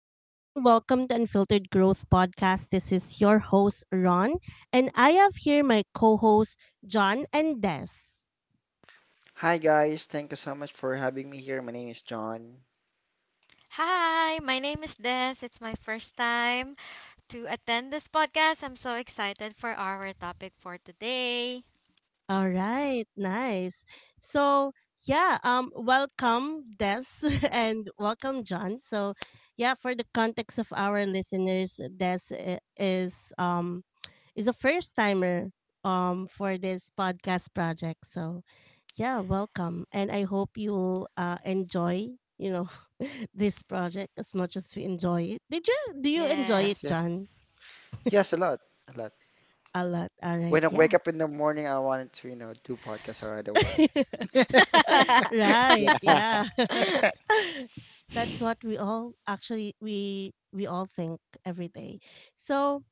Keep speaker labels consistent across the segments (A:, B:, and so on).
A: everyone. Welcome to Unfiltered Growth Podcast. This is your host, Ron, and I have here my co hosts, John and Des.
B: Hi guys, thank you so much for having me here. My name is John.
C: Hi, my name is Des. It's my first time to attend this podcast. I'm so excited for our topic for today.
A: All right, nice. So yeah, welcome Des and welcome John. So yeah, for the context of our listeners, Des is a first timer for this podcast project. So yeah, welcome, and I hope you'll enjoy you know this project as much as we enjoy it. Did you do you enjoy it,
B: Yes,
C: Yes.
B: yes.
A: John?
B: Yes, a lot, a lot.
A: A lot. All right,
B: When I wake
A: yeah.
B: up in the morning, I wanted to, do podcasts right away.
A: Right.
B: Yeah.
A: Yeah. That's what we all actually, we all think every day. So,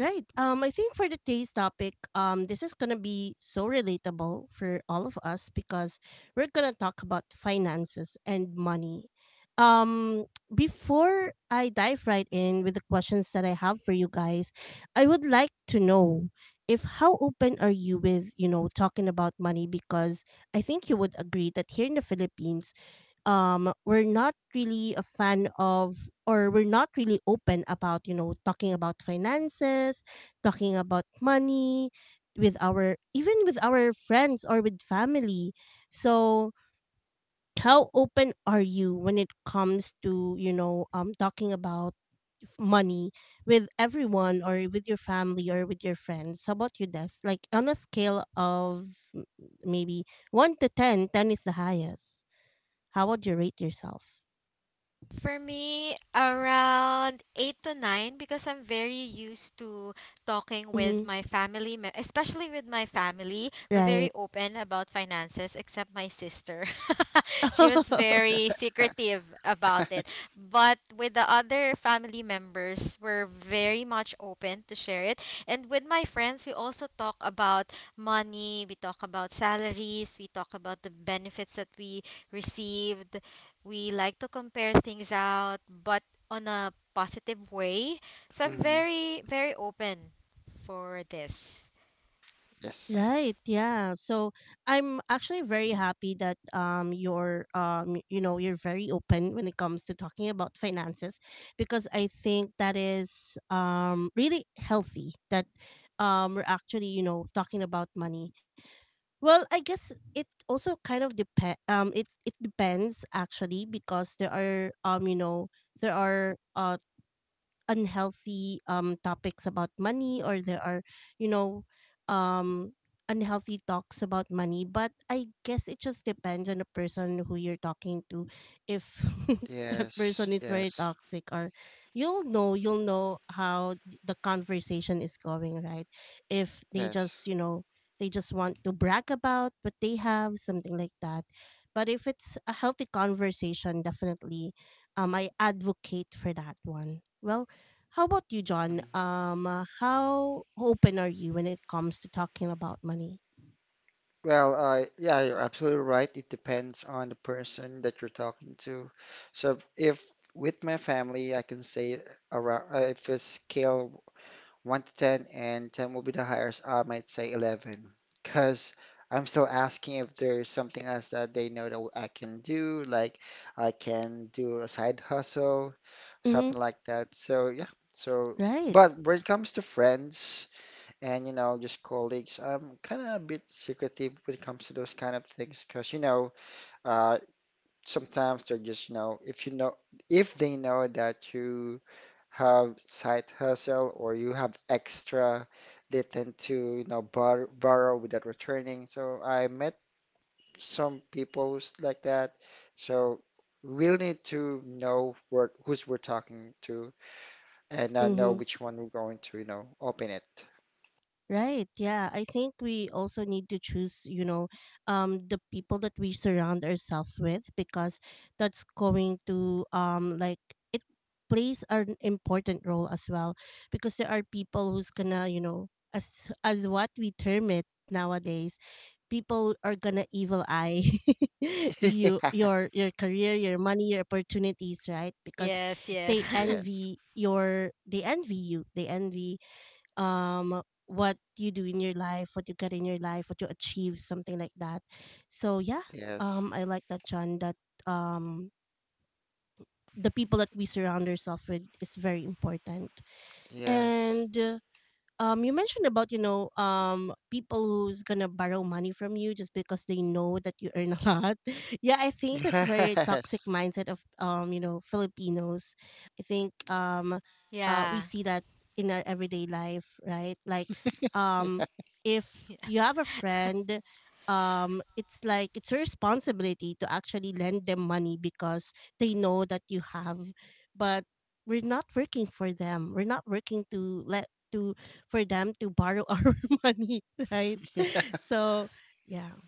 A: right. I think for the taste topic, this is gonna be so relatable for all of us because we're gonna talk about finances and money. Before I dive right in with the questions that I have for you guys, I would like to know if how open are you with talking about money, because I think you would agree that here in the Philippines, we're not really a fan of, or we're not really open about talking about finances, talking about money with our, even with our friends or with family. So how open are you when it comes to talking about money with everyone, or with your family, or with your friends? How about you, Des? Like on a scale of maybe 1 to 10, 10 is the highest, how would you rate yourself?
C: For me, around 8 to 9 because I'm very used to talking with
A: Mhm.
C: my family, especially with my family. We're very
A: Right.
C: open about finances except my sister. She was very secretive about it. But with the other family members, we're very much open to share it. And with my friends, we also talk about money, we talk about salaries, we talk about the benefits that we received. We like to compare things out, but on a positive way. So I'm
B: hmm
C: very, very open for this.
B: Yes.
A: Right. Yeah. So I'm actually very happy that you're y- you know you're very open when it comes to talking about finances, because I think that is really healthy, that we're actually talking about money. Well, I guess it also kind of depend. It depends actually, because there are there are unhealthy topics about money, or there are you know um unhealthy talks about money, but I guess it just depends on the person who you're talking to. If that
B: Yes,
A: person is very
B: yes,
A: toxic, or you'll know, how the conversation is going, right? If they
B: yes.
A: just, want to brag about what they have, something like that. But if it's a healthy conversation, definitely I advocate for that one. Well, how about you, John?
B: Mhm.
A: How open are you when it comes to talking about money?
B: Well, yeah, you're absolutely right. It depends on the person that you're talking to. So if with my family, I can say around, if it's scale 1 to 10, and 10 will be the highest. I might say 11 because I'm still asking if there's something else that they know that I can do, like I can do a side hustle,
A: Mm-hmm.
B: something like that. So, yeah, so.
A: Right.
B: But when it comes to friends and, just colleagues, I'm kind of a bit secretive when it comes to those kind of things because, uh, sometimes they're just, if they know that you have side hustle or you have extra, they tend to, borrow without returning. So I met some people who's like that. So we'll need to know who's we're talking to and know
A: Mm-hmm.
B: which one we're going to, open it.
A: Right. Yeah. I think we also need to choose, the people that we surround ourselves with, because that's going to, like, it plays an important role as well, because there are people who's gonna, as what we term it nowadays, people are gonna evil eye you, your career, your money, your opportunities, right? Because
C: Yes, yes.
A: they
B: Yes,
A: envy your, they envy you. They envy, what you do in your life, what you get in your life, what you achieve, something like that. So yeah,
B: yes,
A: I like that, John, that um the people that we surround ourselves with is very important.
B: yes,
A: And you mentioned about, people who's gonna borrow money from you just because they know that you earn a lot. Yeah, I think that's very toxic
B: yes.
A: mindset of, Filipinos. I think, we
C: Yeah.
A: see that in our everyday life, right? Like, um if you have a friend, it's like it's your responsibility to actually lend them money because they know that you have. But we're not working for them, we're not working to let, to, for them to borrow our money, right?
B: Yeah.
A: So, yeah,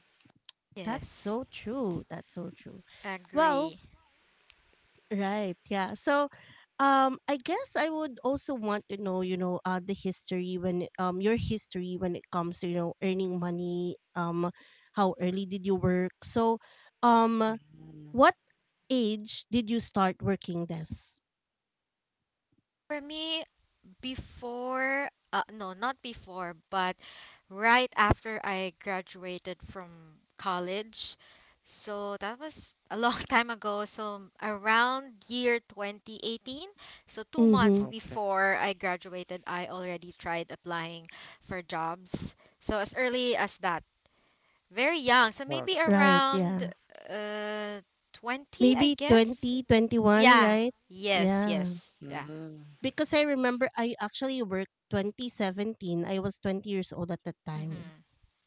A: that's
C: Yes.
A: so true. That's so true. Well,
C: Agree.
A: right, yeah. So, I guess I would also want to know, the history, your history when it comes to earning money. How early did you work? So, um,
B: Mm,
A: what age did you start working this?
C: For me, before no, not before, but right after I graduated from college. So that was a long time ago, so around year 2018. So 2 months
A: Mm-hmm.
B: okay.
C: before I graduated, I already tried applying for jobs. So as early as that, very young, so maybe
B: Okay.
A: Right.
C: around
A: Yeah.
C: uh 20, I
A: Maybe
C: guess.
A: 20, 21,
C: Yeah.
A: right?
C: Yes, yes.
A: Yeah.
C: Yeah.
B: Mm,
A: Because I remember I actually worked 2017. I was 20 years old at that time.
C: Mm-hmm.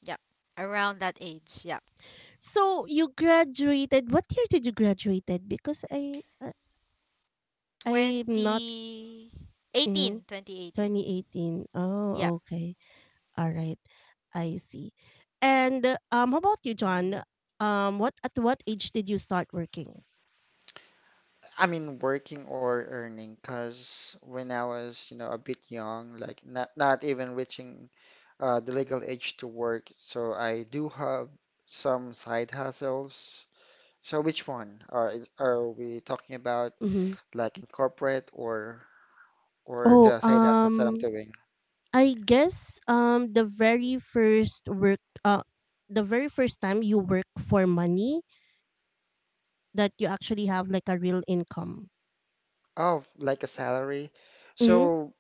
C: Yep. Around that age. Yep.
A: So you graduated. What year did you graduated? Because I'm not, mm,
C: 2018. 2018.
A: 2018.
C: Yep.
A: Oh, okay. All right. I see. And how about you, John? What at what age did you start working?
B: I mean, working or earning, because when I was, a bit young, like not even reaching the legal age to work, so I do have some side hustles. So which one are we talking about,
A: Mm-hmm.
B: like in corporate or
A: Oh,
B: the side hustles that I'm doing?
A: I guess, uh the very first time you work for money, that you actually have like a real income.
B: Oh, like a salary.
A: Mm-hmm.
B: So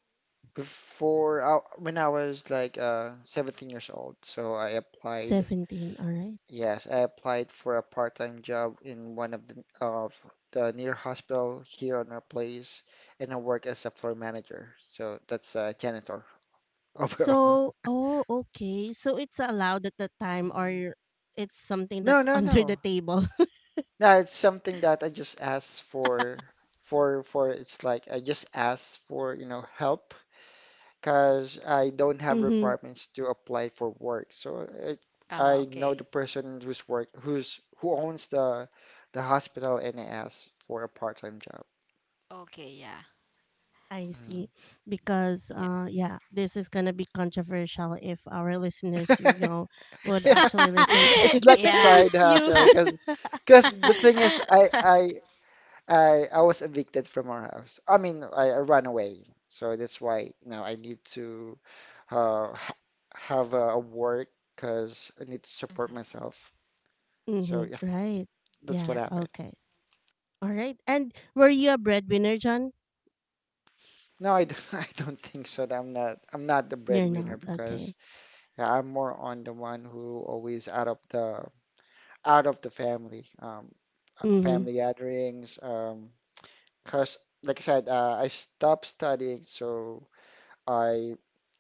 B: before, when I was like 17 years old, so I applied.
A: 17. All right.
B: Yes, I applied for a part-time job in one of the near hospital here on our place, and I work as a floor manager. So that's a janitor overall.
A: So, oh, okay. So it's allowed at the time, or it's something
B: No,
A: that's
B: no,
A: under the
B: no.
A: table.
B: No, it's something that I just asked for for for It's like I just asked for, help because I don't have
A: Mhm.
B: requirements to apply for work.
C: Ah,
B: I know the
C: okay.
B: person who's work who's who owns the hospital and I asked for a part-time job.
C: Okay, yeah.
A: I
B: Mm.
A: see. Because
C: Yeah.
A: yeah, this is going to be controversial if our listeners, would
B: Yeah,
A: actually
B: it's
A: listen
B: it's like a
C: Yeah.
A: to
B: side
A: you.
B: hustle because the thing is I I I I was evicted from our house. I mean I ran away, so that's why now I need to ha have a work because I need to support
C: Mhm.
B: myself. So
A: Mm-hmm.
B: yeah,
A: Right.
B: that's what
A: Yeah.
C: Yeah.
B: happened.
A: Okay. All right. And were you a breadwinner, John?
B: No, I don't, I don't think so. That I'm not the
A: You're
B: breadwinner
A: not.
B: because
A: Okay.
B: yeah, I'm more on the one who always out of the family.
A: Mm-hmm.
B: Family gatherings. Because, like I said, I stopped studying, so I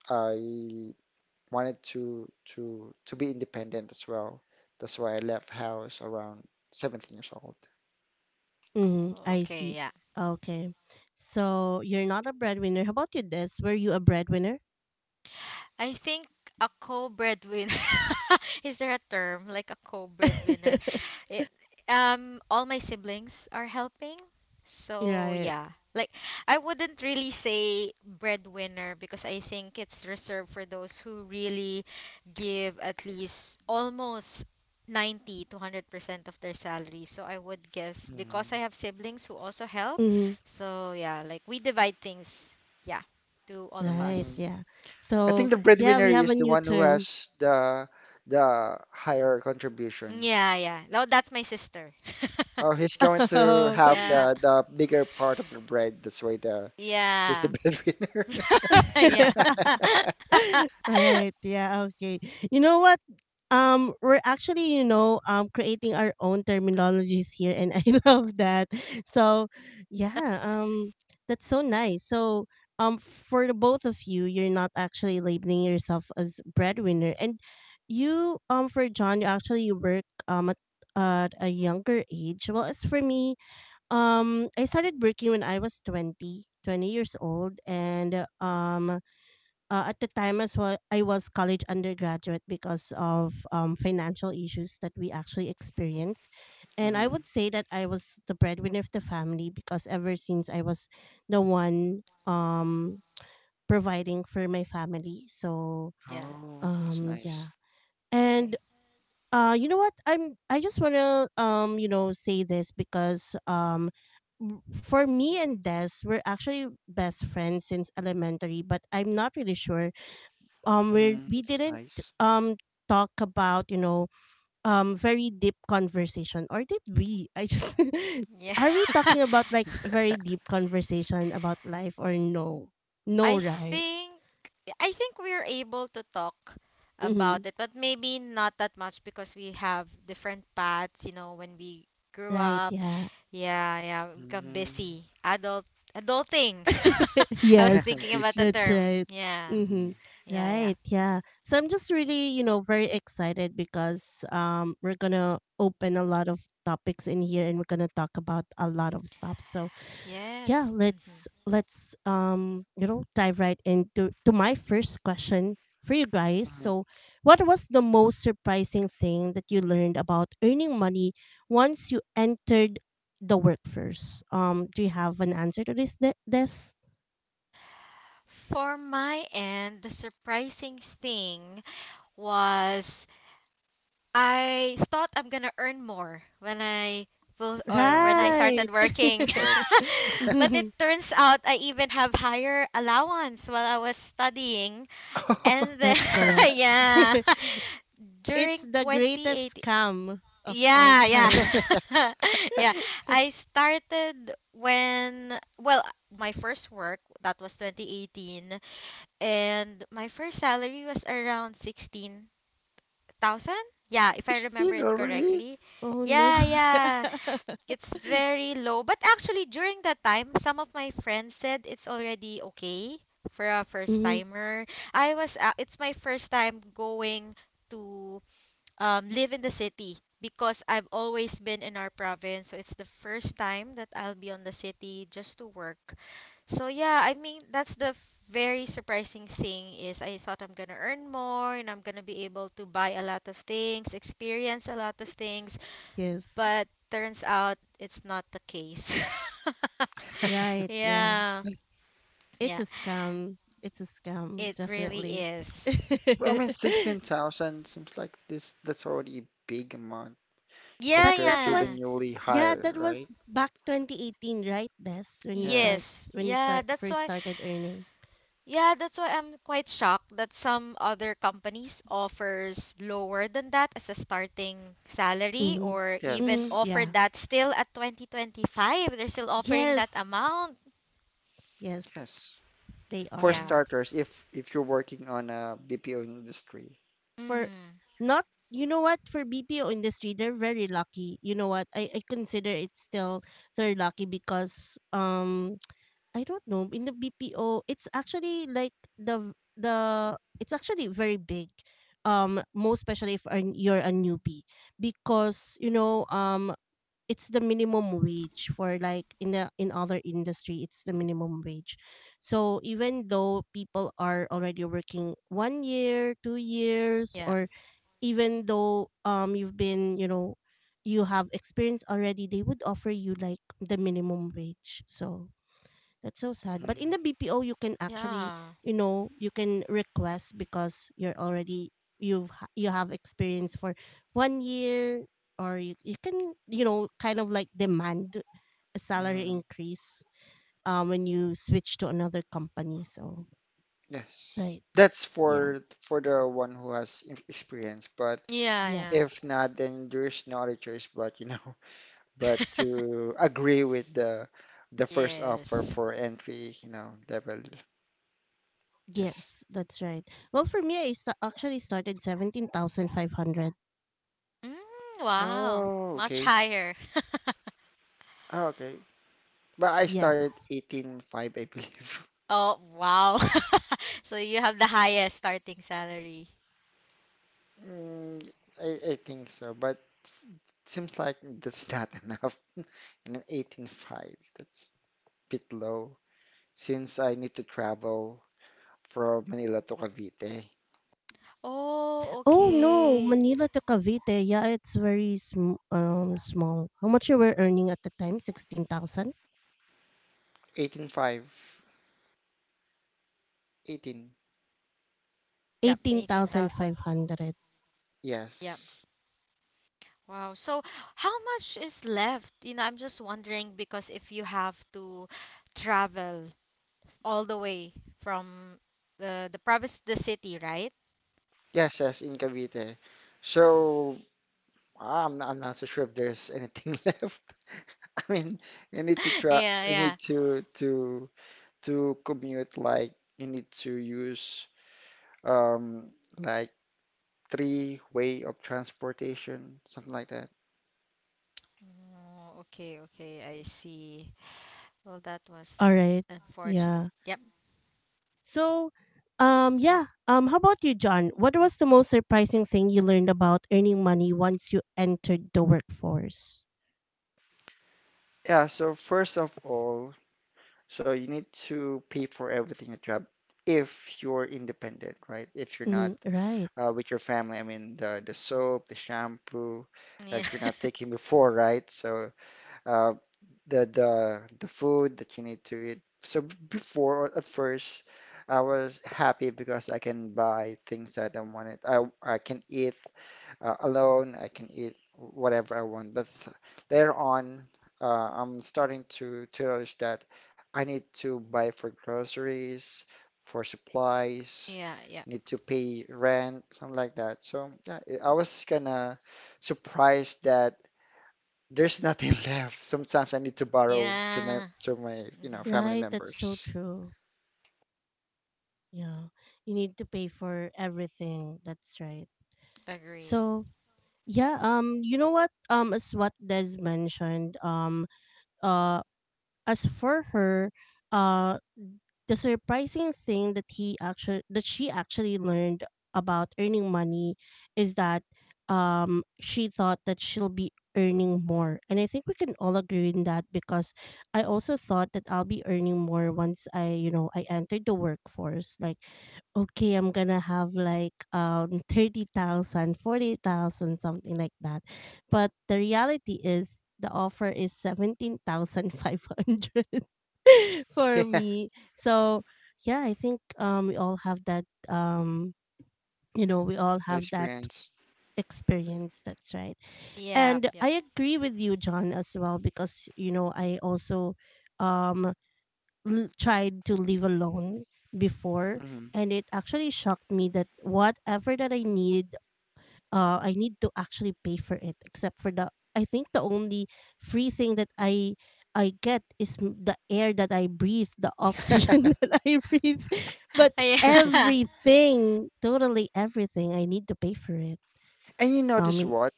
B: I wanted to be independent as well. That's why I left house around 17 years old.
A: Mm-hmm.
C: Oh,
A: I
C: okay,
A: see.
C: yeah.
A: Okay. So you're not a breadwinner. How about you, Des? Were you a breadwinner?
C: I think a co-breadwinner. Is there a term like a co-breadwinner? It All my siblings are helping. So
A: Right.
C: yeah. Like, I wouldn't really say breadwinner because I think it's reserved for those who really give at least almost 90 to 100% of their salary. So I would guess, because I
B: Mm,
C: have siblings who also help.
A: Mm-hmm.
C: So yeah, like, we divide things, yeah, to all of us.
A: Right.
B: mm.
A: Yeah.
B: I
A: So
B: think the
A: yeah,
B: breadwinner
A: we have a
B: is the
A: new
B: one who
A: term.
B: has the higher contribution.
C: Yeah, yeah. No, that's my sister.
B: Oh, he's going to have
C: Yeah.
B: the bigger part of the bread. That's why the he's the
C: Yeah.
B: breadwinner.
C: Yeah.
A: Right. Yeah. Okay. You know what? We're actually, creating our own terminologies here, and I love that. So, yeah. That's so nice. So, for the both of you, you're not actually labeling yourself as breadwinner, and, for John, you actually work, at a younger age. Well, as for me, I started working when I was twenty years old, and at the time as well, I was college undergraduate because of, financial issues that we actually experienced. And I
B: Mhm.
A: would say that I was the breadwinner of the family, because ever since, I was the one, providing for my family. So,
C: Yeah.
B: Oh, that's
A: yeah.
B: nice.
A: And,
C: Okay.
A: you know what, I just want to, say this because, for me and Des we're actually best friends since elementary, but I'm not really sure, um we
B: Mhm.
A: we
B: That's
A: didn't
B: nice.
A: um talk about, very deep conversation. Or did we? I just
C: Yeah.
A: are we talking about like very deep conversation about life? Or no, no,
C: I
A: right?
C: think I think we're able to talk
A: Mm-hmm.
C: about it, but maybe not that much because we have different paths, you know, when we grew
A: Right.
C: up.
A: Yeah.
C: Yeah, yeah, we become
B: Hmm
C: busy. Adulting. I was
A: Yes.
C: thinking about
B: Busy.
C: the
A: That's
C: term.
A: right.
C: Yeah.
B: Mhm,
A: Mm-hmm.
C: Yeah, yeah.
A: Right. Yeah. So I'm just really, very excited because we're gonna open a lot of topics in here, and we're gonna talk about a lot of stuff. So yeah,
C: Yes. hmm
A: let's dive right into to my first question for you guys.
B: mhm,
A: So what was the most surprising thing that you learned about earning money once you entered the workforce? Do you have an answer to this, this?
C: For my end, the surprising thing was, I thought I'm gonna earn more when I will, or
B: mhm.
C: when I
A: Right.
C: started
B: Yes,
C: working.
B: yes.
C: But it turns out I even have higher allowance while I was studying. And then
A: That's correct.
C: yeah.
A: It's
C: During
A: the greatest
C: 2018,
A: scam of all
C: yeah,
A: time.
C: yeah. Yeah. I started when, well, my first work, that was 2018, and my first salary was around 16,000. Yeah, if I remember
B: 16
C: it
B: already?
C: correctly.
A: Oh no.
C: Yeah, yeah. It's very low, but actually during that time, some of my friends said it's already okay for a first
A: Mm-hmm.
C: timer. I was it's my first time going to live in the city because I've always been in our province. So it's the first time that I'll be on the city just to work. So yeah, I mean that's the very surprising thing, is I thought I'm gonna earn more and I'm gonna be able to buy a lot of things, experience a lot of things,
A: Yes.
C: but turns out it's not the case.
A: Right. Yeah.
C: Yeah,
A: It's
C: yeah,
A: a scam. It's a scam,
C: it really
A: definitely.
C: is.
B: Well, I mean, 16,000 seems like this. That's already a big amount
C: Yeah,
A: But
B: compared
A: that
B: to the
C: yeah.
A: was,
B: newly
A: yeah, that
B: hired,
A: was
B: right?
A: back 2018, right? Des,
C: Yes.
B: Yes,
A: when you
C: Yeah,
A: start
C: that's
A: first
C: why.
A: started earning.
C: Yeah, that's why I'm quite shocked that some other companies offers lower than that as a starting salary,
A: Mm-hmm.
C: or even
A: Mm-hmm.
B: yes,
C: offer
A: Yeah.
C: that still at 2025. They're still offering that
A: Yes.
C: amount.
A: Yes,
B: yes.
A: they
B: For
A: are.
C: Yeah.
B: starters, if you're working on a BPO industry.
A: For
C: Mm-hmm.
A: not You know what, for BPO industry, they're very lucky. You know what? I consider it still, they're lucky because I don't know, in the BPO it's actually like, the it's actually very big. Most especially if, you're a newbie because, it's the minimum wage, for like, in other industry it's the minimum wage, so even though people are already working 1 year, 2 years,
C: Yeah.
A: or even though you've been, you have experience already, they would offer you like the minimum wage. So that's so sad. But in
B: Mhm,
A: the BPO, you can actually,
C: Yeah.
A: you can request because you're already, you have experience for 1 year, or you can, kind of like demand a salary
B: mhm,
A: increase when you switch to another company. So
B: yes.
A: right,
B: That's
A: yeah,
B: for the one who has experience, but
C: Yeah,
A: yes,
B: if not, then there's no other choice but, you know,
C: yeah.
B: but to agree with the first offer
C: Yes.
B: for entry, level. Yes.
A: yes, that's right. Well, for me, I actually started 17,500.
C: Mm, wow.
B: Oh,
C: Much
B: okay.
C: higher.
B: Ah, okay. But I started
A: Yes.
B: 18.5, I believe.
C: Oh, wow. So you have the highest starting salary.
B: Mm, I think so, but s- seems like that's not enough. And 18.5, that's a bit low since I need to travel from Manila to Cavite.
C: Oh,
A: Oh no,
C: okay.
A: Manila to Cavite. Yeah, it's very small. How much you were earning at the time? 16,000,
B: Eighteen five, 18.
C: Yep,
A: eighteen thousand
C: 18,000.
A: five hundred.
C: Yep.
B: Yes.
C: Wow. So how much is left? You know, I'm just wondering, because if you have to travel all the way from the province to the city, right?
B: Yes, yes, in Cavite. So I'm not so sure if there's anything left. I mean, you need to try,
C: Yeah,
B: you
C: yeah.
B: need to commute like you need to use um like three way of transportation, something like that.
C: Oh, okay, okay. I see. Well, that was
A: All right.
C: unfortunate.
A: Yeah.
C: Yep.
A: So, yeah, how about you, John? What was the most surprising thing you learned about earning money once you entered the workforce?
B: Yeah, so first of all, so you need to pay for everything you job if you're independent, right? If you're
A: Mm,
B: not
A: right.
B: with your family, I mean the soap, the shampoo
C: Yeah.
B: that you're not taking before, right? So uh, the food that you need to eat. So before, at first, I was happy because I can buy things that I wanted. I can eat alone. I can eat whatever I want. But later on, I'm starting to notice that I need to buy for groceries, for supplies.
C: Yeah, yeah.
B: Need to pay rent, something like that. So yeah, I was kind of surprised that. There's nothing left. Sometimes I need to borrow to my
C: Yeah. Mm-hmm.
B: family
A: Right, that's so
B: members.
A: true. Yeah. You need to pay for everything. That's right.
C: Agree.
A: So, yeah, you know what? As what Des mentioned, uh, as for her, uh, the surprising thing that, he actually that she actually learned about earning money is that she thought that she'll be earning more, and I think we can all agree in that, because I also thought that I'll be earning more once, I you know I entered the workforce, like, okay, I'm gonna have like 30,000, 40,000, something like that. But the reality is the offer is 17,500 for me. So, yeah, I think we all have that you know, we all
B: The
A: have that
B: experience.
A: experience, that's right.
C: Yep,
A: And
C: yep.
A: I agree with you, John, as well, because, you know, I also um, tried to live alone before.
B: Hmm
A: And it actually shocked me that whatever that I needed, I need to actually pay for it. Except for the, I think the only free thing that I get is the air that I breathe, the oxygen that I breathe. But
C: Yeah.
A: everything, totally everything, I need to pay for it.
B: And you
A: I
B: notice
A: mean,
B: what?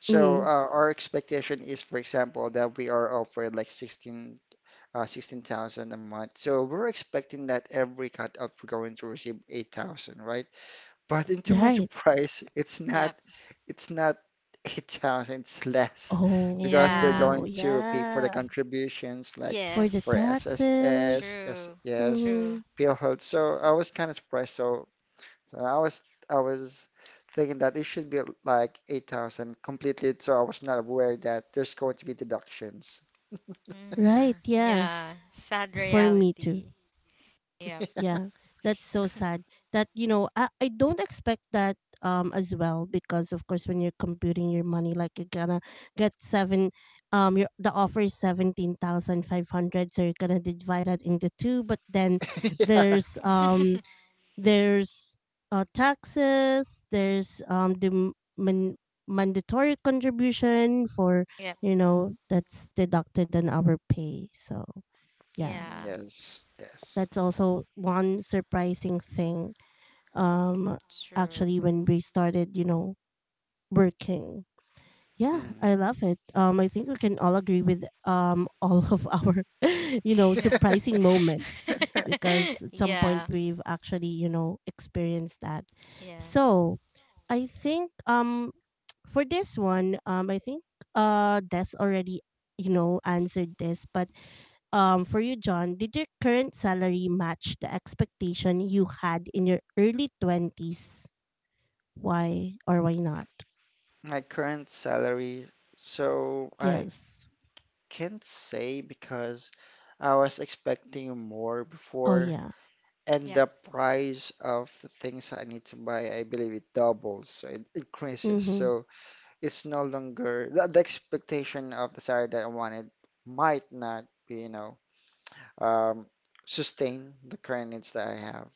B: So
A: mm,
B: our expectation is, for example, that we are offered like 16, 16,000 a month. So we're expecting that every cut up we're going to receive 8,000, right? But into my
A: right?
B: surprise, it's not
C: Yep.
B: it's not 8,000, it's less because they're
C: Yeah.
A: Oh,
B: going to pay for the
A: yeah,
B: contributions like
A: for the
B: for
C: Yes.
B: SSS,
A: taxes.
B: yes,
C: True.
B: yes,
C: True.
A: Mm-hmm.
B: PhilHealth. So I was kind of surprised. So I was thinking that it should be like 8,000 completely. So I was not aware that there's going to be deductions.
A: Right?
C: Mm,
A: Yeah,
C: yeah, sad
A: for me too.
C: reality. Yep.
A: Yeah, that's so sad. That you know, I don't expect that as well because of course when you're computing your money, like you're gonna get seven, your the offer is 17,500, so you're gonna divide that into two. But then
B: Yeah.
A: there's um there's taxes, there's the man- mandatory contribution for
C: Yep.
A: you know that's deducted on our pay. So yeah,
C: Yeah,
B: Yes, yes.
A: that's also one surprising thing um
C: true.
A: actually when we started you know working. Yeah,
B: Mm.
A: I love it. I think we can all agree with all of our, you know,
C: Yeah.
A: surprising moments because at some point
C: Yeah.
A: we've actually you know experienced that.
C: Yeah.
A: So, I think for this one I think Des already you know answered this, but for you John, did your current salary match the expectation you had in your early 20s? Why or why not?
B: My current salary, so I
A: Yes.
B: can't say because I was expecting more
A: Oh
B: before,
A: yeah.
B: and
C: Yeah.
B: the price of the things I need to buy, I believe it doubles, so it increases.
A: Mhm.
B: So it's no longer the expectation of the salary that I wanted might not be, um, sustain the current needs that I have.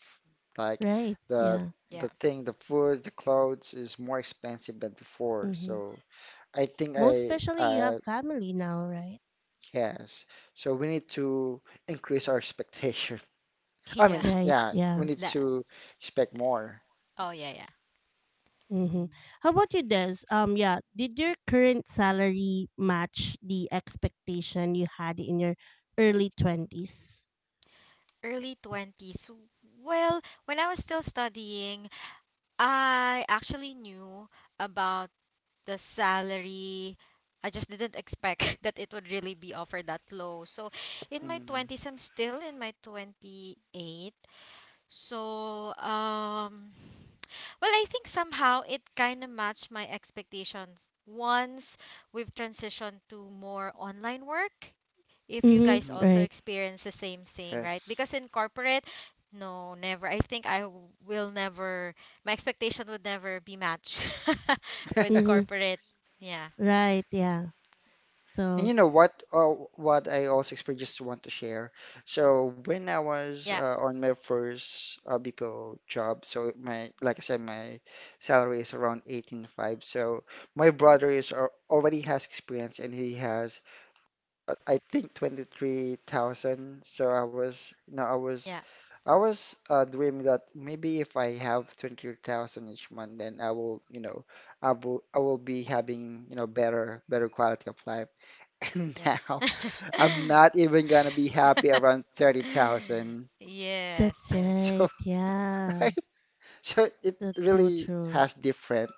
B: Like
A: Right.
B: the
A: Yeah.
C: Yeah.
B: thing, the food, the clothes is more expensive than before.
A: Mhm.
B: So I think
A: Most especially you
B: I
A: have family now, right?
B: Yes. So we need to increase our expectation. I
C: Yeah.
B: mean,
A: Right.
B: yeah, we
A: Yeah.
B: need
C: La-
B: to expect more.
C: oh, yeah, yeah.
A: Mhm. How about you, Des? Yeah. Did your current salary match the expectation you had in your early 20s?
C: Early 20s. Well, when I was still studying, I actually knew about the salary. I just didn't expect that it would really be offered that low. So in my
B: Mm,
C: 20s, I'm still in my 28. So, well, I think somehow it kind of matched my expectations once we've transitioned to more online work, if you
A: Mhm,
C: guys
B: mm,
C: also
A: right.
C: experience the same thing, right?
B: yes.
C: Because in corporate, no, never. I will never, my expectation would never be matched with
A: Mhm.
C: corporate. Yeah,
A: Right, yeah.
B: And
A: So,
B: you know what? What I also experienced, just want to share. So when I was
C: yeah,
B: on my first BPO job, so my like I said, my salary is around eighteen five. So my brother is already has experience, and he has I think 23,000. So I was, you know, I was
C: yeah,
B: I was dreaming that maybe if I have 20,000 each month, then I will be having, better quality of life. And
C: yeah.
B: now I'm not even gonna be happy around 30,000.
C: Yes,
A: that's
C: yes.
B: So,
A: right, yeah.
B: right? So it
A: That's so
B: really
A: true.
B: has difference.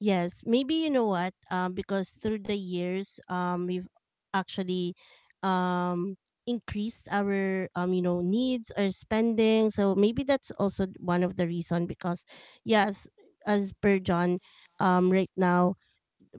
A: Yes, maybe you know what? Because through the years, we've actually um increased our you know needs or spending. So maybe that's also one of the reason because yes, as per John, right now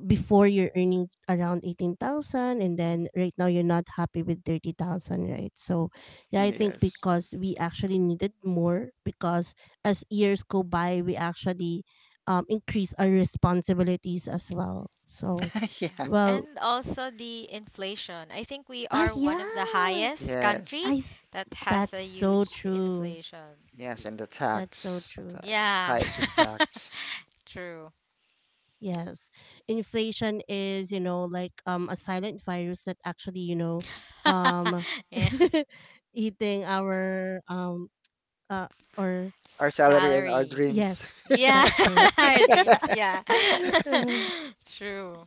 A: before you're earning around 18,000, and then right now you're not happy with 30,000, right? So yeah, I
C: Yeah.
A: think
B: Yes.
A: because we actually needed more because as years go by we actually increase our responsibilities as well. So
C: Yeah.
B: Yeah.
A: well,
C: And also the inflation. I think we
A: ah
C: are one of the
A: yeah,
C: highest
B: Yes.
C: country
A: i th-
C: that has
A: that's
C: a
A: so
C: huge
A: true.
C: inflation.
B: Yes, and the
A: That's so true.
B: tax,
C: Yeah.
B: highest of tax.
C: True.
A: Yes. Inflation is, you know, like a silent virus that actually, you know, um
C: Yeah.
A: eating our uh or
B: Our salary and our
C: Salary.
B: dreams.
A: yes,
C: Yeah,
A: that's correct.
C: our dreams. Yeah. True.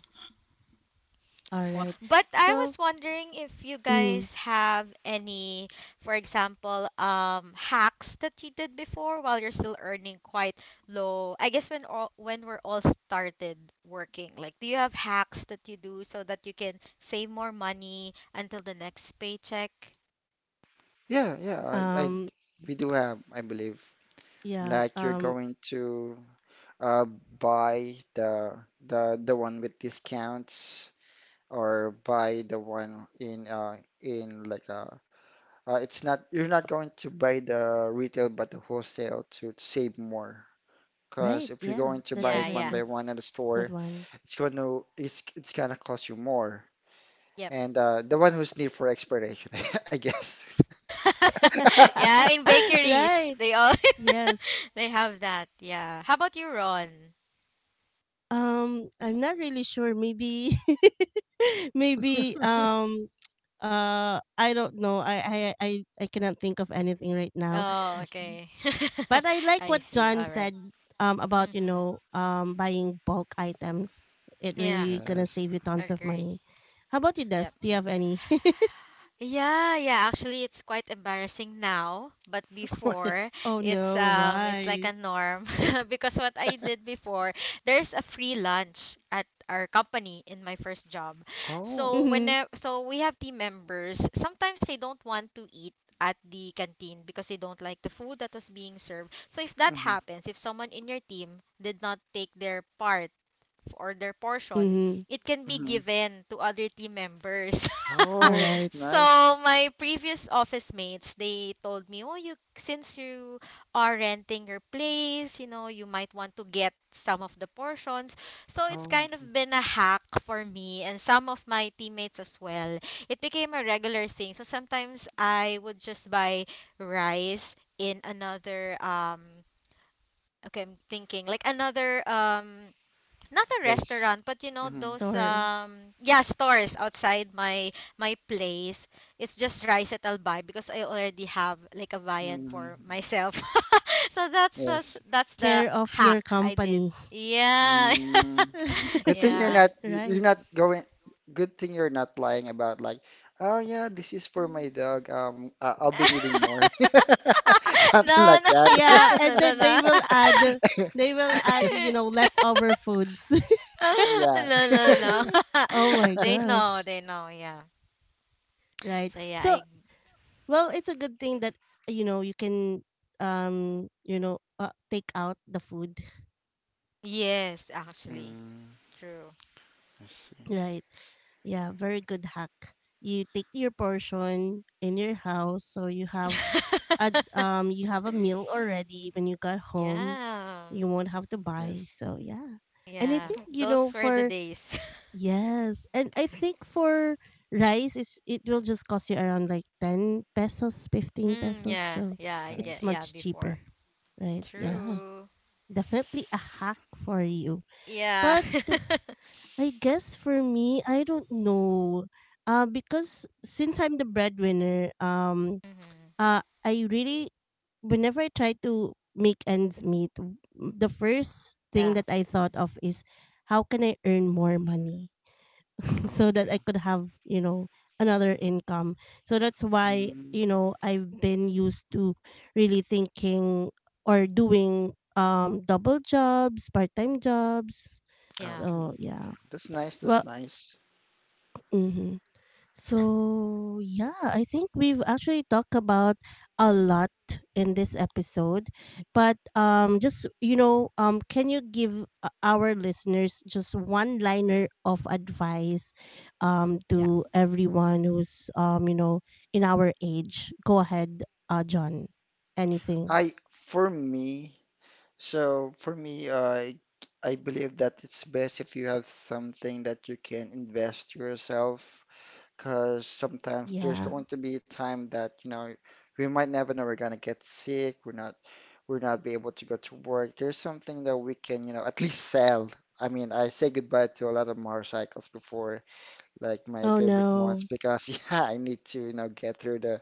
A: All
C: Well,
A: right.
C: but I
A: So,
C: was wondering if you
A: mm,
C: guys have any, for example, hacks that you did before while you're still earning quite low. I guess when all when we're all started working, like, do you have hacks that you do so that you can save more money until the next paycheck?
B: Yeah, yeah. I
A: um
B: we do have, I believe,
A: yeah,
B: like you're going to uh buy the one with discounts or buy the one in like a it's not you're not going to buy the retail but the wholesale to save more. Because
A: right,
B: if you're
A: yeah.
B: going to
A: That's
B: buy
A: a
C: Yeah,
B: it
A: very
B: one
C: yeah.
B: by
A: good
B: one at a
A: good
B: store,
A: one.
B: it's going to it's gonna cost you more.
C: Yep.
B: And the one who's near for expiration, I guess.
C: Yeah, in bakeries,
A: Right.
C: they all
A: Yes.
C: they have that. Yeah. How about you, Ron?
A: I'm not really sure. Maybe, maybe. I don't know. I cannot think of anything right now.
C: Oh, okay.
A: But I like
C: I
A: what
C: see.
A: John
C: All right.
A: said. About you
C: Mhm.
A: know, buying bulk items. It
C: Yeah,
A: really gonna
B: Yes.
A: save you tons of
C: agree.
A: money. How about you,
C: Yep.
A: Des? Do you have any?
C: Yeah, yeah, actually it's quite embarrassing now, but before,
A: Oh no,
C: it's like a
A: why?
C: norm because what I did before, there's a free lunch at our company in my first job.
B: Oh.
C: So when
A: Mm-hmm.
C: I- so we have team members, sometimes they don't want to eat at the canteen because they don't like the food that was being served. So if that
B: mhm.
C: happens, if someone in your team did not take their part or their portion,
A: Mm-hmm.
C: it can be
B: hmm
C: given to other team members.
A: All
B: Oh,
A: right.
B: that's
C: So
B: nice.
C: my previous office mates, they told me, "Oh, you, since you are renting your place, you know, you might want to get some of the portions." So it's
B: Oh,
C: kind of been a hack for me and some of my teammates as well. It became a regular thing. So sometimes I would just buy rice in another okay, I'm thinking like another not a
B: place.
C: restaurant, but you know
B: Hmm
C: those,
A: Store
C: yeah, stores outside my place. It's just rice that I'll buy because I already have like a viand
B: hmm
C: for myself. So
B: Yes.
C: that's the
A: care of
C: hack
A: your
C: I did.
A: company.
C: Yeah.
B: Mm. Good thing
C: Yeah.
B: you're
A: Right.
B: not going. Good thing you're not lying about like, oh yeah, this is for my
C: Mm.
B: dog. I'll be needing more, something
C: No,
B: like
C: no.
B: that.
A: Yeah,
C: No,
A: and
C: no,
A: then they
C: no.
A: will add, you know, leftover foods.
C: No,
B: Yeah.
C: no, no.
A: Oh my
C: They know,
A: gosh.
C: they know. Yeah.
A: Right.
C: so yeah
A: So,
C: i
A: well, it's a good thing that you know, you can you know, take out the food,
C: Yes, actually.
B: Mm,
C: True.
B: I see.
A: right? Yeah, very good hack. You take your portion in your house, so you have a meal already when you got home.
C: Yeah.
A: You won't have to buy.
B: Yes.
A: So yeah, and I
C: Yeah.
A: think you know
C: Those were the
A: for,
C: days.
A: yes, and I think for rice, it's, it will just cost you around like 10 pesos, 15
C: Hmm,
A: pesos.
C: yeah.
A: So
C: Yeah, I
A: it's
C: get,
B: Yes.
C: yeah,
A: much cheaper,
C: before.
A: right?
B: Yes.
A: Yeah,
C: True.
A: definitely a hack for you.
C: Yeah.
A: But I guess for me, I don't know. Because since I'm the breadwinner,
C: hmm
A: I really, whenever I try to make ends meet, the first thing
C: Yeah.
A: that I
C: hmm
A: thought of is how can I earn more money? So that
B: Okay.
A: I could have, you know, another income. So that's why,
B: Mm,
A: you know, I've been used to really thinking or doing double jobs, part-time jobs.
C: Yeah.
B: okay.
A: So, yeah.
B: That's nice. That's
A: Well,
B: nice.
A: mhm. So, yeah, I think we've actually talked about a lot in this episode. But just, you know, can you give our listeners just one liner of advice
C: Yeah.
A: to everyone who's you know, in our age? Go ahead, John. Anything.
B: I for me. So for me, I believe that it's best if you have something that you can invest yourself, because sometimes there's
A: Yeah.
B: going to be a time that we might never know we're gonna get sick, we're not be able to go to work. There's something that we can at least sell. I mean, I say goodbye to a lot of motorcycles before, like my
A: Oh
B: favorite ones,
A: no.
B: because yeah, I need to get through the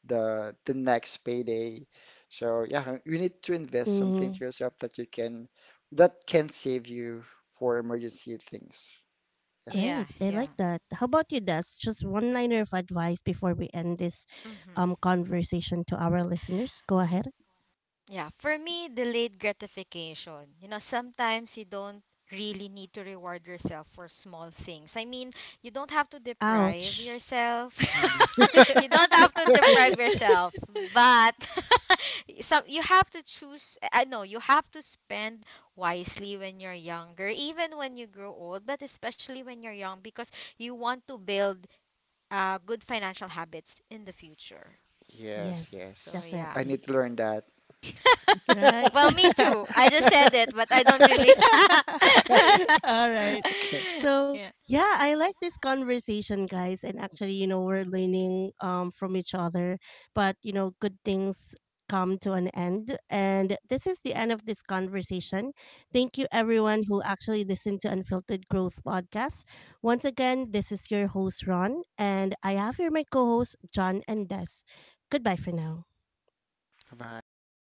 B: next payday. So yeah, you need to invest something
A: Mhm.
B: to yourself that you can that can save you for emergency things. Yes.
C: Yeah.
A: Right. I like
C: Yeah.
A: that. How about you, Des? Just one liner of advice before we end this
C: hmm
A: conversation to our listeners. Go ahead.
C: Yeah, for me, delayed gratification. You know, sometimes you don't really need to reward yourself for small things. I mean, you don't have to deprive
A: Ouch.
C: yourself.
B: Mhm.
C: You don't have to deprive yourself, but some, you have to choose. I know you have to spend wisely when you're younger, even when you grow old, but especially when you're young, because you want to build good financial habits in the future.
B: Yes,
A: Yes,
C: So
B: yes.
C: yeah.
B: I need
A: definitely.
B: to learn that.
A: Right.
C: Well, me too. I just said it, but I don't really.
A: All right.
B: Okay.
A: So,
C: Yeah.
A: yeah, I like this conversation, guys. And actually, you know, we're learning from each other. But, you know, good things come to an end. And this is the end of this conversation. Thank you, everyone who actually listened to Unfiltered Growth Podcast. Once again, this is your host, Ron. And I have here my co hosts, John and Des. Goodbye for now.
B: Bye.
C: Bye.